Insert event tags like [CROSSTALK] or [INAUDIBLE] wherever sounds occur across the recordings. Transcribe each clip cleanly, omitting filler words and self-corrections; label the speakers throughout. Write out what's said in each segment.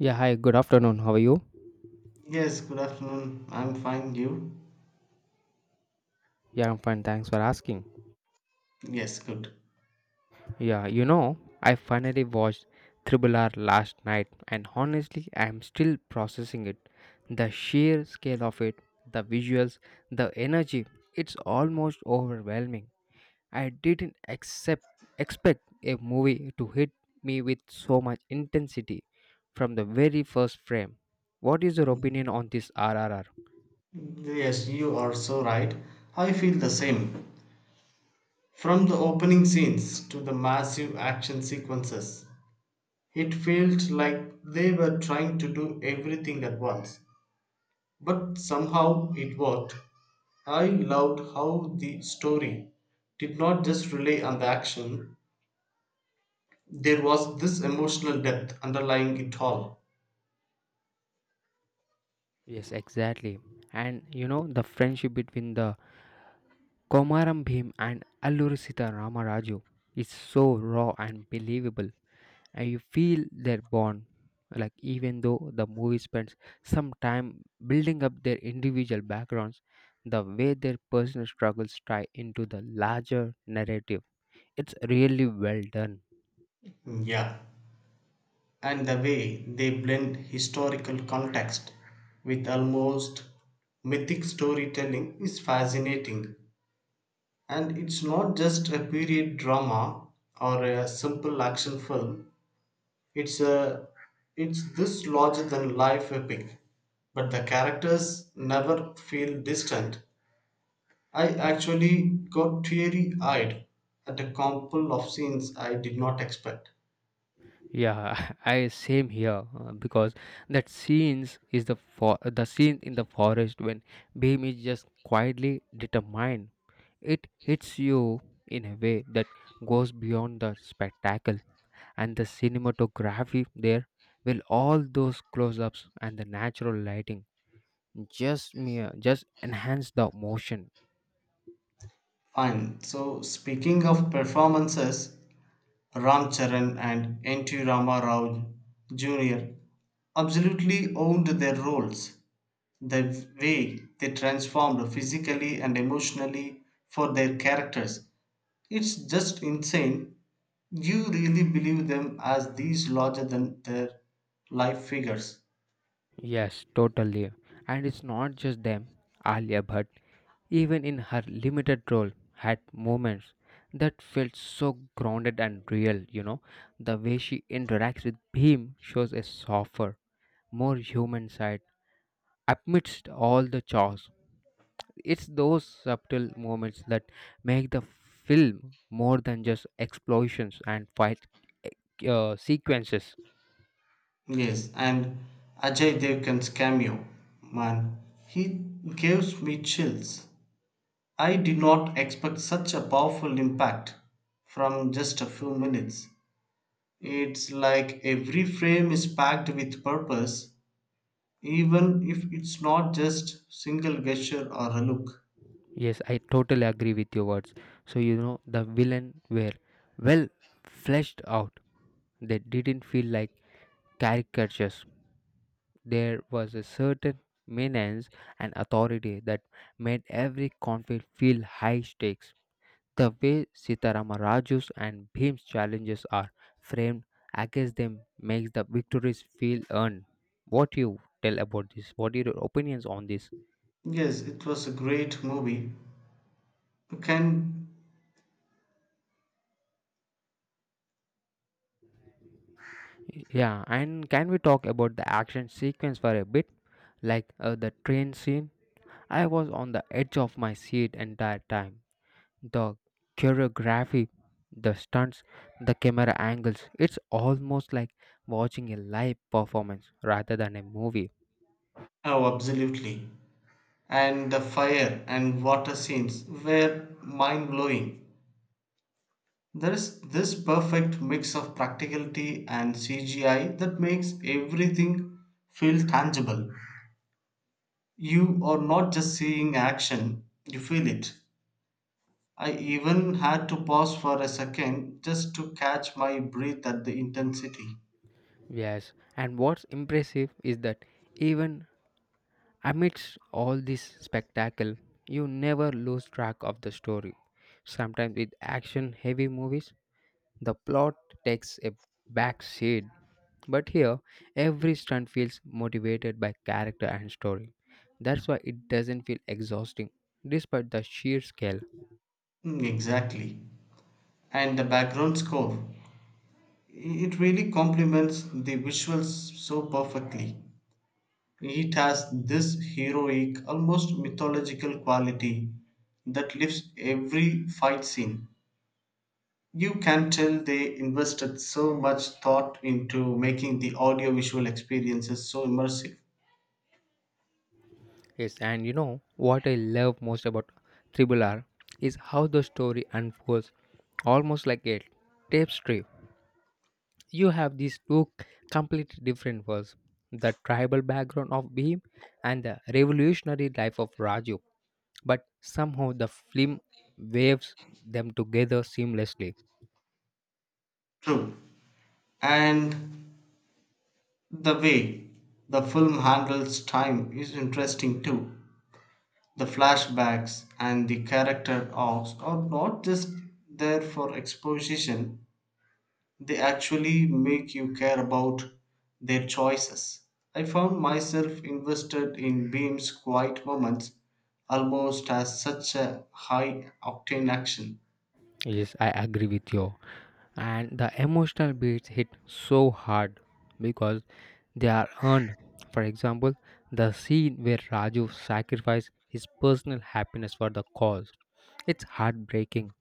Speaker 1: Yeah, hi, good afternoon. How are you?
Speaker 2: Yes, good afternoon. I'm fine, you?
Speaker 1: Yeah, I'm fine. Thanks for asking.
Speaker 2: Yes, good.
Speaker 1: Yeah, you know, I finally watched Triple R last night, and honestly, I'm still processing it. The sheer scale of it, the visuals, the energy, it's almost overwhelming. I didn't accept, expect a movie to hit me with so much intensity from the very first frame. What is your opinion on this RRR?
Speaker 2: Yes, you are so right. I feel the same. From the opening scenes to the massive action sequences, it felt like they were trying to do everything at once. But somehow it worked. I loved how the story did not just rely on the action. There was this emotional depth underlying it all.
Speaker 1: Yes, exactly. And you know, the friendship between the Komaram Bhim and Alluru Sita Ramaraju is so raw and believable, and you feel their bond. Like even though the movie spends some time building up their individual backgrounds, the way their personal struggles tie into the larger narrative, it's really well done.
Speaker 2: Yeah. And the way they blend historical context with almost mythic storytelling is fascinating. And it's not just a period drama or a simple action film. It's a it's this larger than life epic. But the characters never feel distant. I actually got teary eyed at a couple of scenes I did not expect.
Speaker 1: Yeah, [LAUGHS] I same here because that scenes is the for the scene in the forest when Beam is just quietly determined. It hits you in a way that goes beyond the spectacle and the cinematography there. Well, all those close-ups and the natural lighting just mere just enhance the motion.
Speaker 2: Fine. So speaking of performances, Ram Charan and N.T. Rama Rao Jr. absolutely owned their roles. The way they transformed physically and emotionally for their characters. It's just insane. You really believe them as these larger than their life figures.
Speaker 1: Yes, totally. And it's not just them, Alia Bhatt. Even in her limited role, had moments that felt so grounded and real, you know. The way she interacts with Bhim shows a softer, more human side amidst all the chaos. It's those subtle moments that make the film more than just explosions and fight sequences.
Speaker 2: Yes, and Ajay Devgan's cameo, man, he gives me chills. I did not expect such a powerful impact from just a few minutes. It's like every frame is packed with purpose, even if it's not just single gesture or a look.
Speaker 1: Yes, I totally agree with your words. So, you know, the villain were well fleshed out. They didn't feel like caricatures. There was a certain menace and authority that made every conflict feel high stakes. The way Sitarama Raju's and Bhim's challenges are framed against them makes the victories feel earned. What you tell about this? What are your opinions on this?
Speaker 2: Yes, it was a great movie. Can
Speaker 1: Yeah, and can we talk about the action sequence for a bit? Like the train scene? I was on the edge of my seat entire time. The choreography, the stunts, the camera angles. It's almost like watching a live performance rather than a movie.
Speaker 2: oh absolutely. And the fire and water scenes were mind blowing. There is this perfect mix of practicality and CGI that makes everything feel tangible. You are not just seeing action, you feel it. I even had to pause for a second just to catch my breath at the intensity.
Speaker 1: Yes, and what's impressive is that even amidst all this spectacle, you never lose track of the story. Sometimes with action heavy movies, the plot takes a backseat, but here every stunt feels motivated by character and story. That's why it doesn't feel exhausting, despite the sheer scale.
Speaker 2: Mm, exactly. And the background score. It really complements the visuals so perfectly. It has this heroic, almost mythological quality that lifts every fight scene. You can tell they invested so much thought into making the audiovisual experiences so immersive.
Speaker 1: Yes, and you know what I love most about Triple R is how the story unfolds almost like a tapestry. You have these two completely different worlds, the tribal background of Bhim and the revolutionary life of Raju, but somehow the film waves them together seamlessly.
Speaker 2: True. And the way the film handles time is interesting too. The flashbacks and the character arcs are not just there for exposition. They actually make you care about their choices. I found myself invested in Beam's quiet moments almost as such a high octane action.
Speaker 1: Yes, I agree with you. And the emotional beats hit so hard because they are earned. For example, the scene where Raju sacrificed his personal happiness for the cause. It's heartbreaking,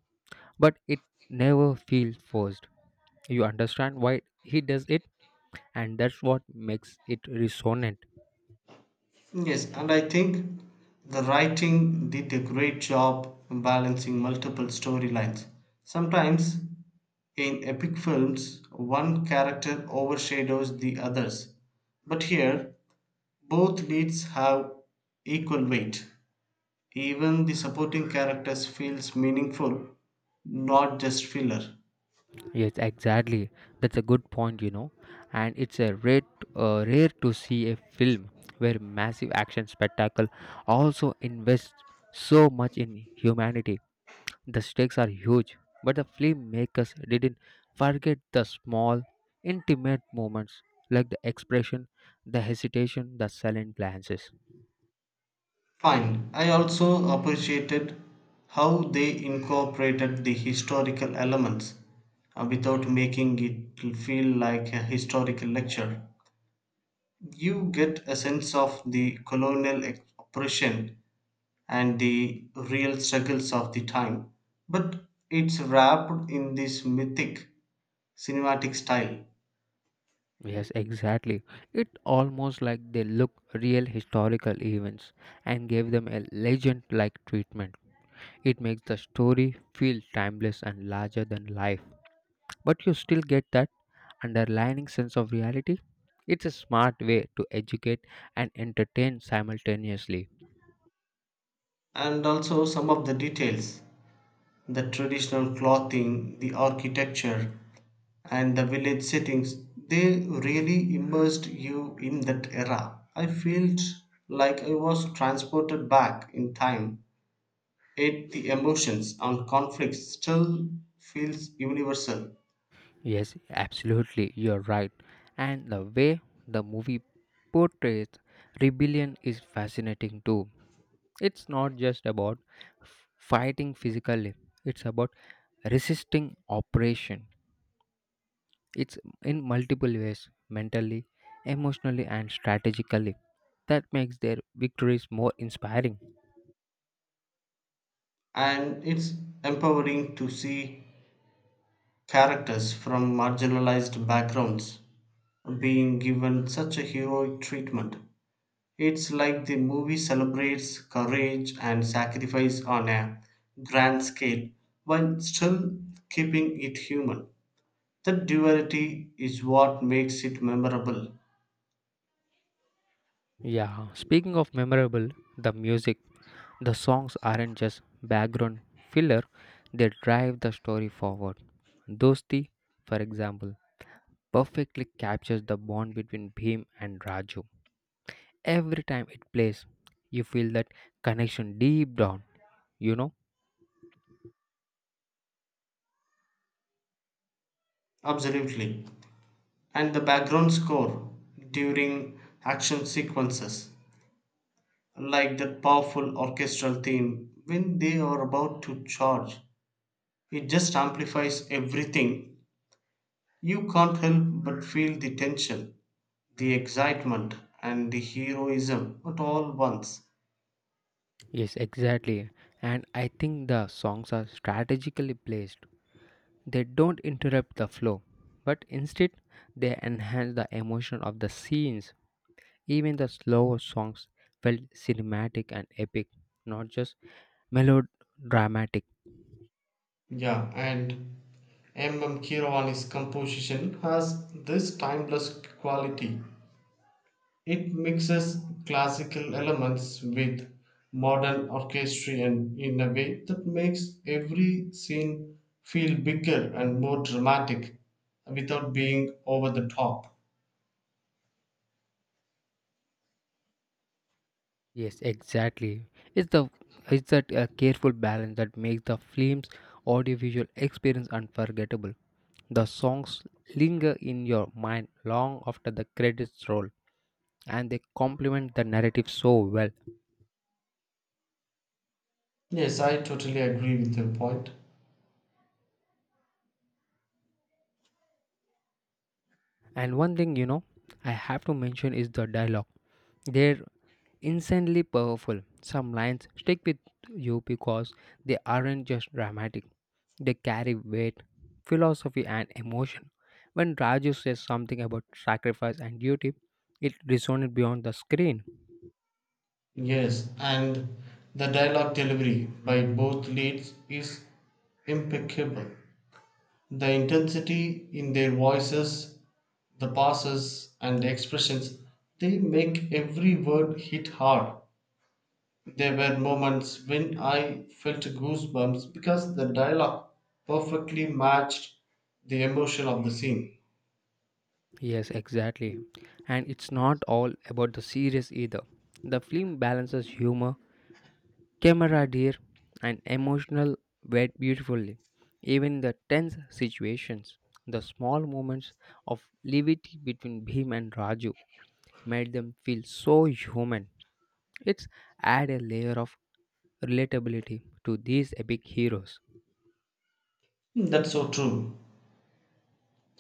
Speaker 1: but it never feels forced. You understand why he does it, and that's what makes it resonant.
Speaker 2: Yes, and I think the writing did a great job balancing multiple storylines. Sometimes in epic films, one character overshadows the others, but here both leads have equal weight. Even the supporting characters feels meaningful, not just filler.
Speaker 1: Yes, exactly. That's a good point, you know. And it's a rare to see a film where massive action spectacle also invests so much in humanity. The stakes are huge, but the filmmakers didn't forget the small, intimate moments like the expression, the hesitation, the silent glances.
Speaker 2: Fine. I also appreciated how they incorporated the historical elements without making it feel like a historical lecture. You get a sense of the colonial ex- oppression and the real struggles of the time, but it's wrapped in this mythic cinematic style.
Speaker 1: Yes, exactly. It almost like they look real historical events and gave them a legend-like treatment. It makes the story feel timeless and larger than life, but you still get that underlying sense of reality. It's a smart way to educate and entertain simultaneously.
Speaker 2: And also, some of the details, the traditional clothing, the architecture, and the village settings, they really immersed you in that era. I felt like I was transported back in time. Yet the emotions and conflicts still feels universal.
Speaker 1: Yes, absolutely, you're right. And the way the movie portrays rebellion is fascinating too. It's not just about fighting physically, it's about resisting oppression. It's in multiple ways mentally, emotionally, and strategically. That makes their victories more inspiring.
Speaker 2: And it's empowering to see characters from marginalized backgrounds being given such a heroic treatment. It's like the movie celebrates courage and sacrifice on a grand scale while still keeping it human. That duality is what makes it memorable.
Speaker 1: Yeah, speaking of memorable, the music, the songs aren't just background filler, they drive the story forward. Dosti, for example, perfectly captures the bond between Bhim and Raju. Every time it plays, you feel that connection deep down. you know
Speaker 2: Absolutely. And the background score during action sequences, like that powerful orchestral theme when they are about to charge, it just amplifies everything. You can't help but feel the tension, the excitement, and the heroism at all once.
Speaker 1: Yes, exactly. And I think the songs are strategically placed. They don't interrupt the flow, but instead they enhance the emotion of the scenes. Even the slower songs felt cinematic and epic, not just melodramatic.
Speaker 2: Yeah, and M.M. Kiravani's composition has this timeless quality. It mixes classical elements with modern orchestration in a way that makes every scene feel bigger and more dramatic without being over the top.
Speaker 1: Yes, exactly. It's the it's that careful balance that makes the film's audiovisual experience unforgettable. The songs linger in your mind long after the credits roll, and they complement the narrative so well.
Speaker 2: Yes, I totally agree with your point.
Speaker 1: And one thing you know, I have to mention is the dialogue. There. Insanely powerful. Some lines stick with you because they aren't just dramatic, they carry weight, philosophy, and emotion. When Raju says something about sacrifice and duty, it resonates beyond the screen.
Speaker 2: Yes, and the dialogue delivery by both leads is impeccable. The intensity in their voices, the pauses, and the expressions, they make every word hit hard. There were moments when I felt goosebumps because the dialogue perfectly matched the emotion of the scene.
Speaker 1: Yes, exactly. And it's not all about the serious either. The film balances humor Camera dear and emotional wet beautifully. Even the tense situations, the small moments of levity between Bhim and Raju made them feel so human. It's add a layer of relatability to these epic heroes.
Speaker 2: That's so true.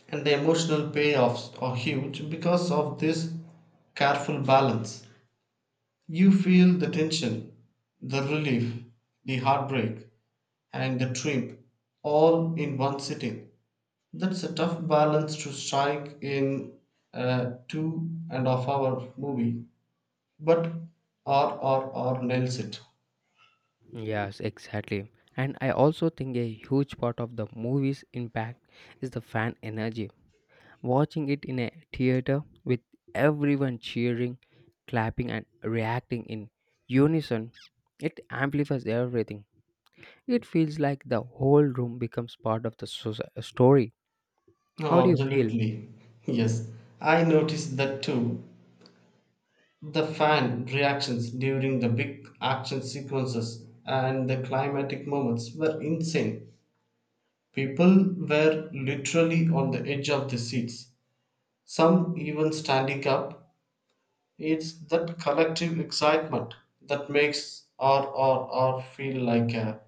Speaker 2: And the emotional payoffs are huge because of this careful balance. You feel the tension, the relief, the heartbreak, and the trip all in one sitting. That's a tough balance to strike in a two and a half hour movie. But RRR nails it.
Speaker 1: Yes, exactly. And I also think a huge part of the movie's impact is the fan energy. Watching it in a theater with everyone cheering, clapping, and reacting in unison, it amplifies everything. It feels like the whole room becomes part of the story. How
Speaker 2: No,
Speaker 1: do you feel?
Speaker 2: absolutely. Yes, I noticed that too. The fan reactions during the big action sequences and the climatic moments were insane. People were literally on the edge of their seats, some even standing up. It's that collective excitement that makes RRR feel like a,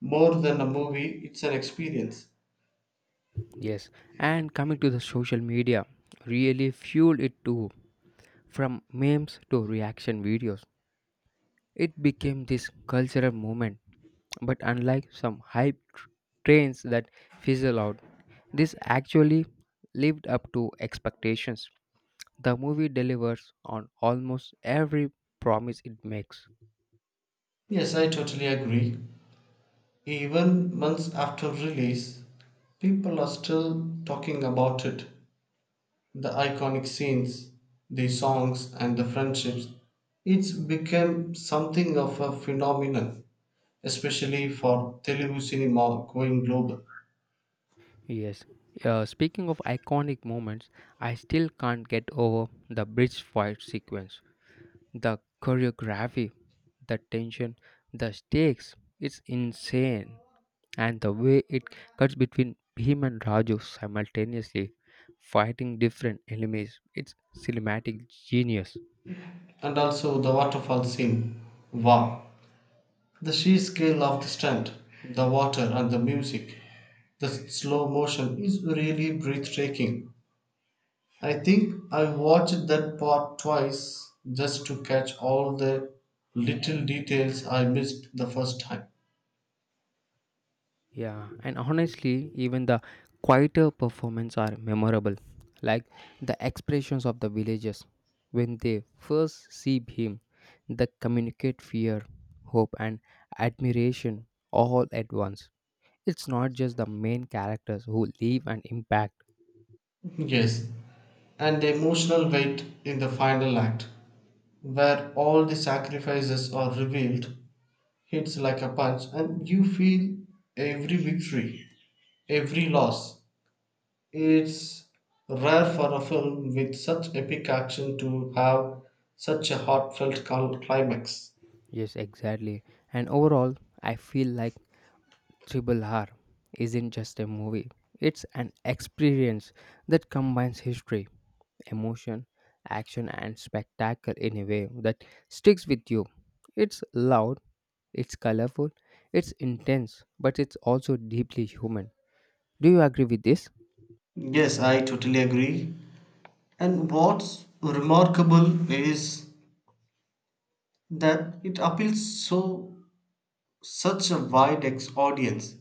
Speaker 2: more than a movie, it's an experience.
Speaker 1: Yes, and coming to the social media, really fueled it too. From memes to reaction videos, it became this cultural movement, but unlike some trains that fizzle out, this actually lived up to expectations. The movie delivers on almost every promise it makes.
Speaker 2: Yes, I totally agree. Even months after release, people are still talking about it. The iconic scenes, the songs, and the friendships. It's become something of a phenomenon, especially for Telugu cinema going global.
Speaker 1: Yes. Speaking of iconic moments, I still can't get over the bridge fight sequence. The choreography, the tension, the stakes, it's insane. And the way it cuts between Bhim and Raju simultaneously fighting different enemies. It's cinematic genius.
Speaker 2: And also the waterfall scene. Wow! The sheer scale of the stunt, the water, and the music, the slow motion is really breathtaking. I think I watched that part twice just to catch all the little details I missed the first time.
Speaker 1: Yeah, and honestly, even the quieter performances are memorable, like the expressions of the villagers when they first see him, they communicate fear, hope, and admiration all at once. It's not just the main characters who leave an impact.
Speaker 2: [LAUGHS] Yes, and the emotional weight in the final act, where all the sacrifices are revealed, hits like a punch and you feel every victory, every loss. It's rare for a film with such epic action to have such a heartfelt climax.
Speaker 1: Yes, exactly. And overall, I feel like Triple R isn't just a movie, it's an experience that combines history, emotion, action, and spectacle in a way that sticks with you. It's loud, it's colorful, it's intense, but it's also deeply human. Do you agree with this?
Speaker 2: Yes, I totally agree. And what's remarkable is that it appeals so such a wide ex- audience.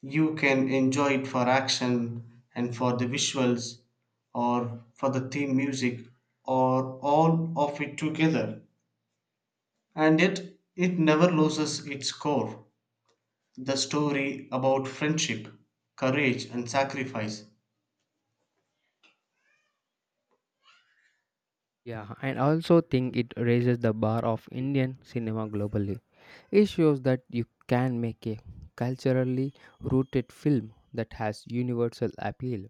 Speaker 2: You can enjoy it for action and for the visuals or for the theme music or all of it together. And yet, it never loses its core, the story about friendship, courage, and sacrifice.
Speaker 1: Yeah, and I also think it raises the bar of Indian cinema globally. It shows that you can make a culturally rooted film that has universal appeal.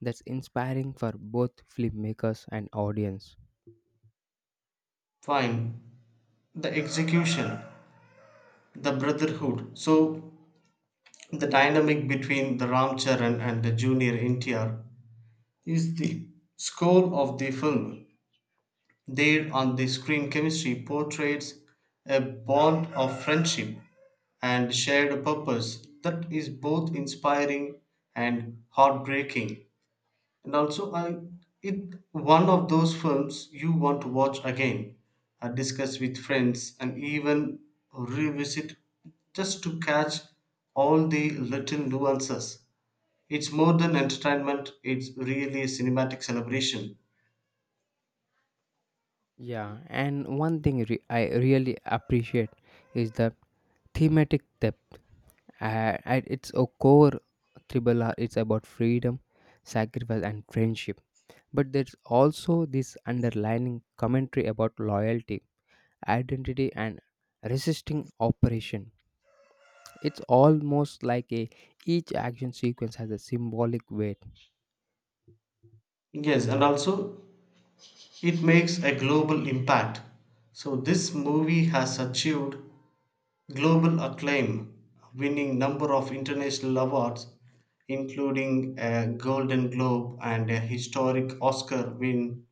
Speaker 1: That's inspiring for both filmmakers and audience.
Speaker 2: Fine, the execution, the brotherhood. So, the dynamic between the Ramcharan and the junior NTR is the score of the film. There on the screen, chemistry portrays a bond of friendship and shared purpose that is both inspiring and heartbreaking. And also, I it one of those films you want to watch again, discuss with friends, and even revisit just to catch all the little nuances. It's more than entertainment; it's really a cinematic celebration.
Speaker 1: Yeah, and one thing I really appreciate is the thematic depth. At its a core, Triple R it's about freedom, sacrifice, and friendship. But there's also this underlining commentary about loyalty, identity, and resisting oppression. It's almost like a each action sequence has a symbolic weight.
Speaker 2: Yes, and also it makes a global impact. So this movie has achieved global acclaim, winning number of international awards, including a Golden Globe and a historic Oscar win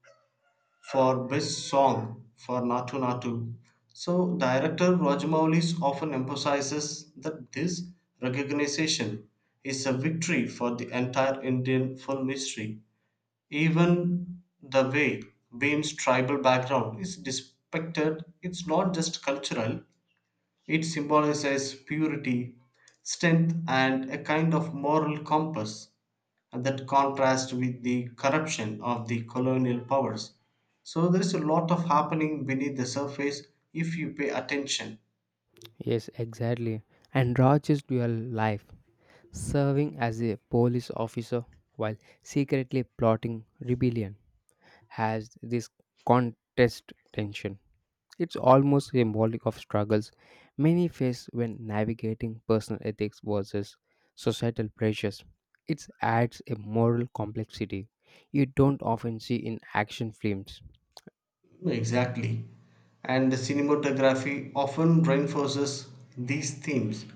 Speaker 2: for Best Song for Natu Natu. So director Rajamoulis often emphasizes that this recognition is a victory for the entire Indian film history. Even the way Beam's tribal background is depicted, it's not just cultural, it symbolizes purity, strength, and a kind of moral compass that contrasts with the corruption of the colonial powers. So there is a lot of happening beneath the surface if you pay attention.
Speaker 1: Yes, exactly. And Raj's dual life, serving as a police officer while secretly plotting rebellion, has this contest tension. It's almost symbolic of struggles many face when navigating personal ethics versus societal pressures. It adds a moral complexity you don't often see in action films.
Speaker 2: Exactly. And the cinematography often reinforces these themes,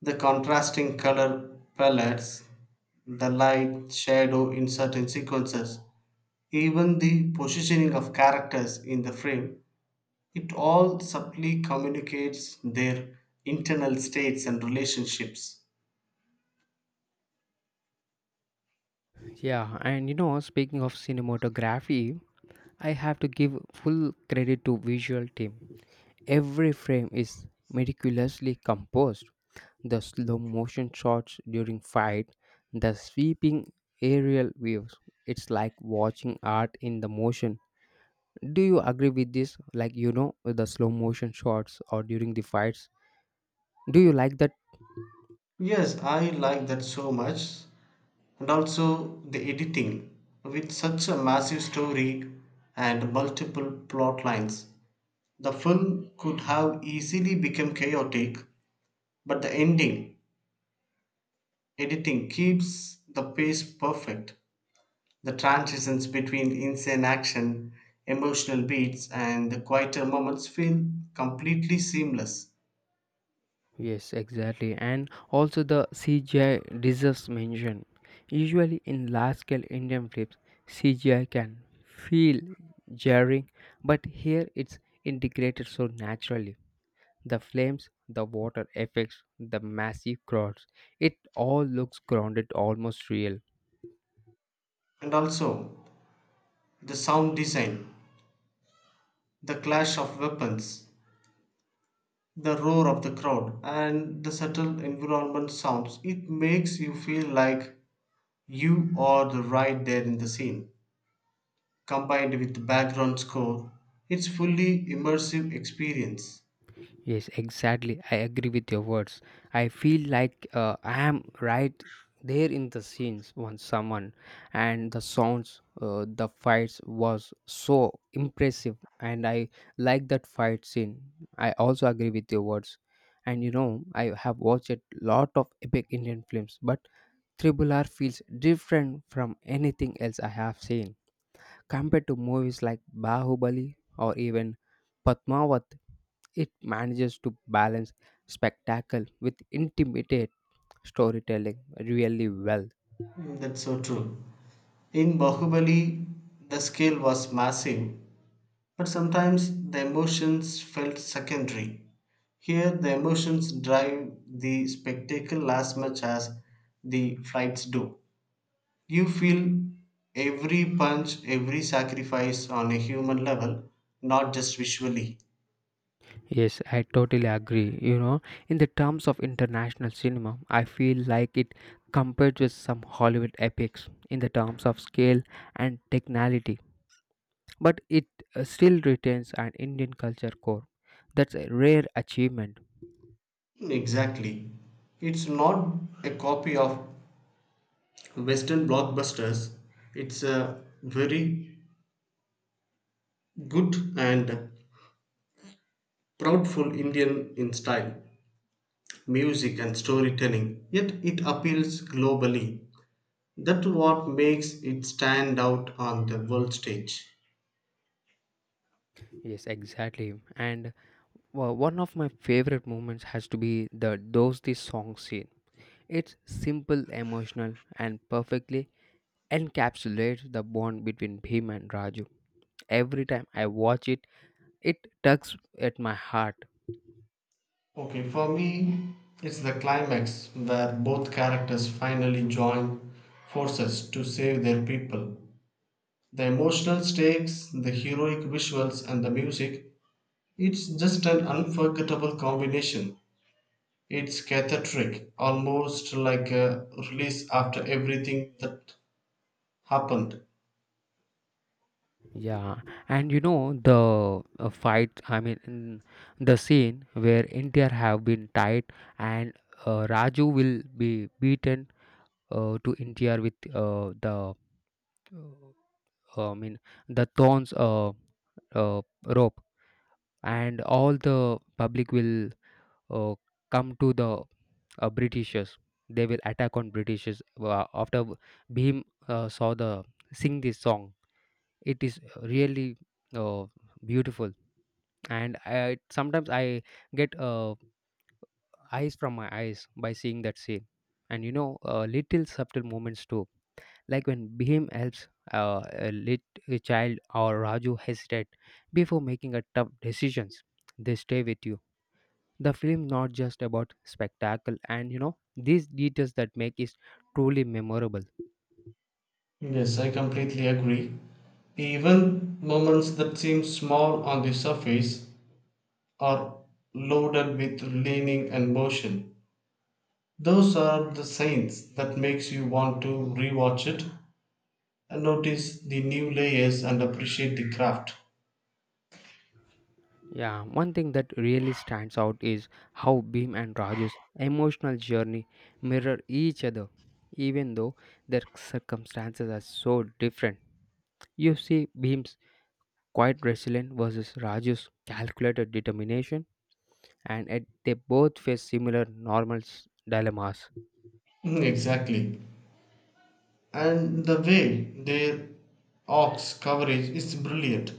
Speaker 2: the contrasting color palettes, the light shadow in certain sequences, even the positioning of characters in the frame, it all subtly communicates their internal states and relationships.
Speaker 1: Yeah, and you know, speaking of cinematography, I have to give full credit to visual team. Every frame is meticulously composed. The slow motion shots during fight, the sweeping aerial views. It's like watching art in the motion. Do you agree with this? Like you know the slow motion shots or during the fights. Do you like that?
Speaker 2: Yes, I like that so much. And also the editing. With such a massive story and multiple plot lines, the film could have easily become chaotic, but the ending editing keeps the pace perfect. The transitions between insane action, emotional beats, and the quieter moments feel completely seamless.
Speaker 1: Yes, exactly. And also the CGI deserves mention. Usually in large scale Indian films, CGI can feel jarring, but here it's integrated so naturally. The flames, the water effects, the massive crowds, it all looks grounded, almost real.
Speaker 2: And also, the sound design, the clash of weapons, the roar of the crowd, and the subtle environment sounds, it makes you feel like you are the right there in the scene. Combined with the background score, it's fully immersive experience.
Speaker 1: Yes, exactly. I agree with your words. I feel like I am right there in the scenes once someone and the sounds the fights was so impressive and I like that fight scene. I also agree with your words. And you know, I have watched a lot of epic Indian films, but Triple R feels different from anything else I have seen. Compared to movies like Bahubali or even Padmavat, it manages to balance spectacle with intimate storytelling really well.
Speaker 2: Mm, that's so true. In Bahubali, the scale was massive, but sometimes the emotions felt secondary. Here, the emotions drive the spectacle as much as the fights do. You feel every punch, every sacrifice on a human level, not just visually.
Speaker 1: Yes, I totally agree. You know, in the terms of international cinema, I feel like it compared with some Hollywood epics in the terms of scale and technicality, but it still retains an Indian culture core. That's a rare achievement.
Speaker 2: Exactly. It's not a copy of Western blockbusters, it's a very good and proudful Indian in style. Music and storytelling, yet it appeals globally. That's what makes it stand out on the world stage.
Speaker 1: Yes, exactly. And well, one of my favorite moments has to be the Dosti song scene. It's simple, emotional, and perfectly encapsulates the bond between him and Raju. Every time I watch it, it tugs at my heart.
Speaker 2: Okay, for me, it's the climax where both characters finally join forces to save their people. The emotional stakes, the heroic visuals, and the music, it's just an unforgettable combination. It's cathartic, almost like a release after everything that happened.
Speaker 1: Yeah, and you know the fight. The scene where India have been tied and Raju will be beaten to India with the uh, I mean the thorns rope, and all the public will uh, come to the Britishers. They will attack on Britishers after Bhim saw the sing this song. It is really uh, beautiful, and I, sometimes I get eyes from my eyes by seeing that scene. And you know, little subtle moments too, like when Bhim helps uh, a lit a child or Raju hesitate before making a tough decisions. They stay with you, the film not just about spectacle and you know these details that make it truly memorable.
Speaker 2: Yes, I completely agree. Even moments that seem small on the surface are loaded with leaning and motion. Those are the signs that makes you want to rewatch it and notice the new layers and appreciate the craft.
Speaker 1: Yeah, one thing that really stands out is how Bhim and Raju's emotional journey mirror each other, even though their circumstances are so different. You see Bhim's quiet resilience versus Raju's calculated determination, and at, they both face similar dilemmas.
Speaker 2: Mm, exactly. And the way their arcs coverage is brilliant.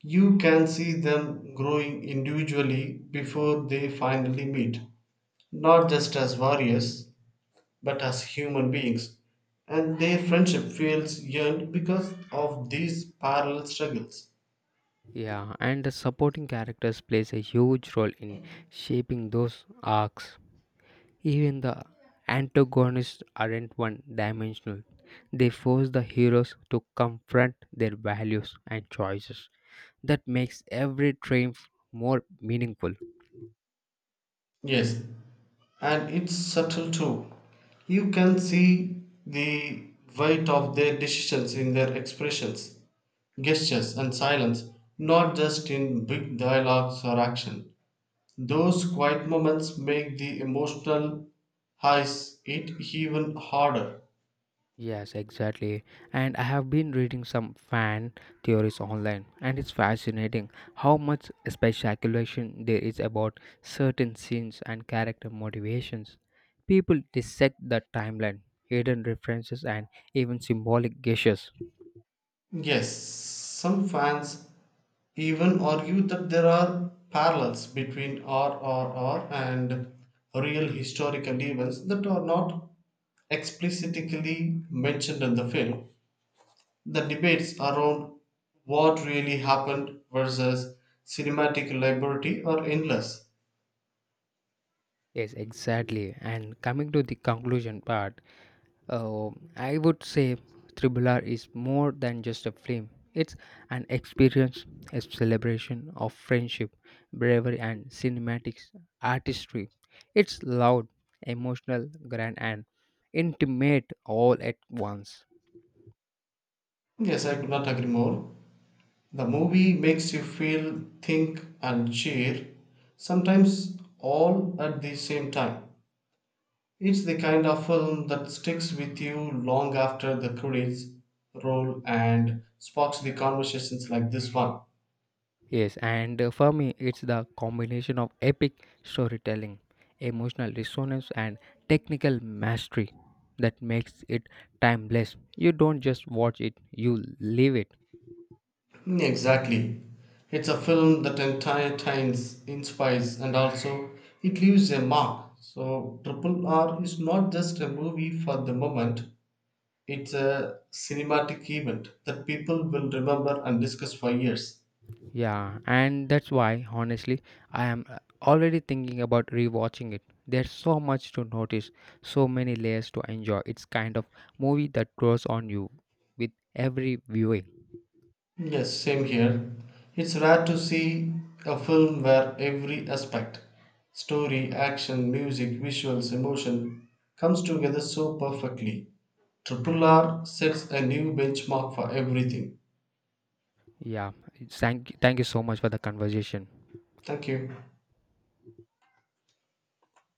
Speaker 2: You can see them growing individually before they finally meet, not just as warriors, but as human beings, and their friendship feels yearned because of these parallel struggles.
Speaker 1: Yeah, and the supporting characters plays a huge role in shaping those arcs. Even the antagonists aren't one-dimensional. They force the heroes to confront their values and choices. That makes every triumph more meaningful.
Speaker 2: Yes, and it's subtle too. You can see the weight of their decisions in their expressions, gestures, and silence, not just in big dialogues or action. Those quiet moments make the emotional highs it even harder.
Speaker 1: Yes, exactly. And I have been reading some fan theories online, and it's fascinating how much speculation there is about certain scenes and character motivations. People dissect the timeline, hidden references, and even symbolic gestures.
Speaker 2: Yes, some fans even argue that there are parallels between RRR and real historical events that are not explicitly mentioned in the film. The debates around what really happened versus cinematic liberty are endless.
Speaker 1: Yes, exactly. And coming to the conclusion part, Uh, I would say Triple R is more than just a film. It's an experience, a celebration of friendship, bravery, and cinematics artistry. It's loud, emotional, grand, and intimate all at once.
Speaker 2: Yes, I could not agree more. The movie makes you feel, think, and cheer, sometimes all at the same time. It's the kind of film that sticks with you long after the credits roll and sparks the conversations like this one.
Speaker 1: Yes, and for me, it's the combination of epic storytelling, emotional resonance, and technical mastery that makes it timeless. You don't just watch it, you live it.
Speaker 2: Mm, exactly. It's a film that entertains, inspires, and also it leaves a mark. So, Triple R is not just a movie for the moment, it's a cinematic event that people will remember and discuss for years.
Speaker 1: Yeah, and that's why, honestly, I am already thinking about rewatching it. There's so much to notice, so many layers to enjoy. It's kind of movie that grows on you with every viewing.
Speaker 2: Yes, same here. It's rare to see a film where every aspect, story, action, music, visuals, emotion, comes together so perfectly. Triple R sets a new benchmark for everything.
Speaker 1: Yeah, thank you so much for the conversation.
Speaker 2: Thank you.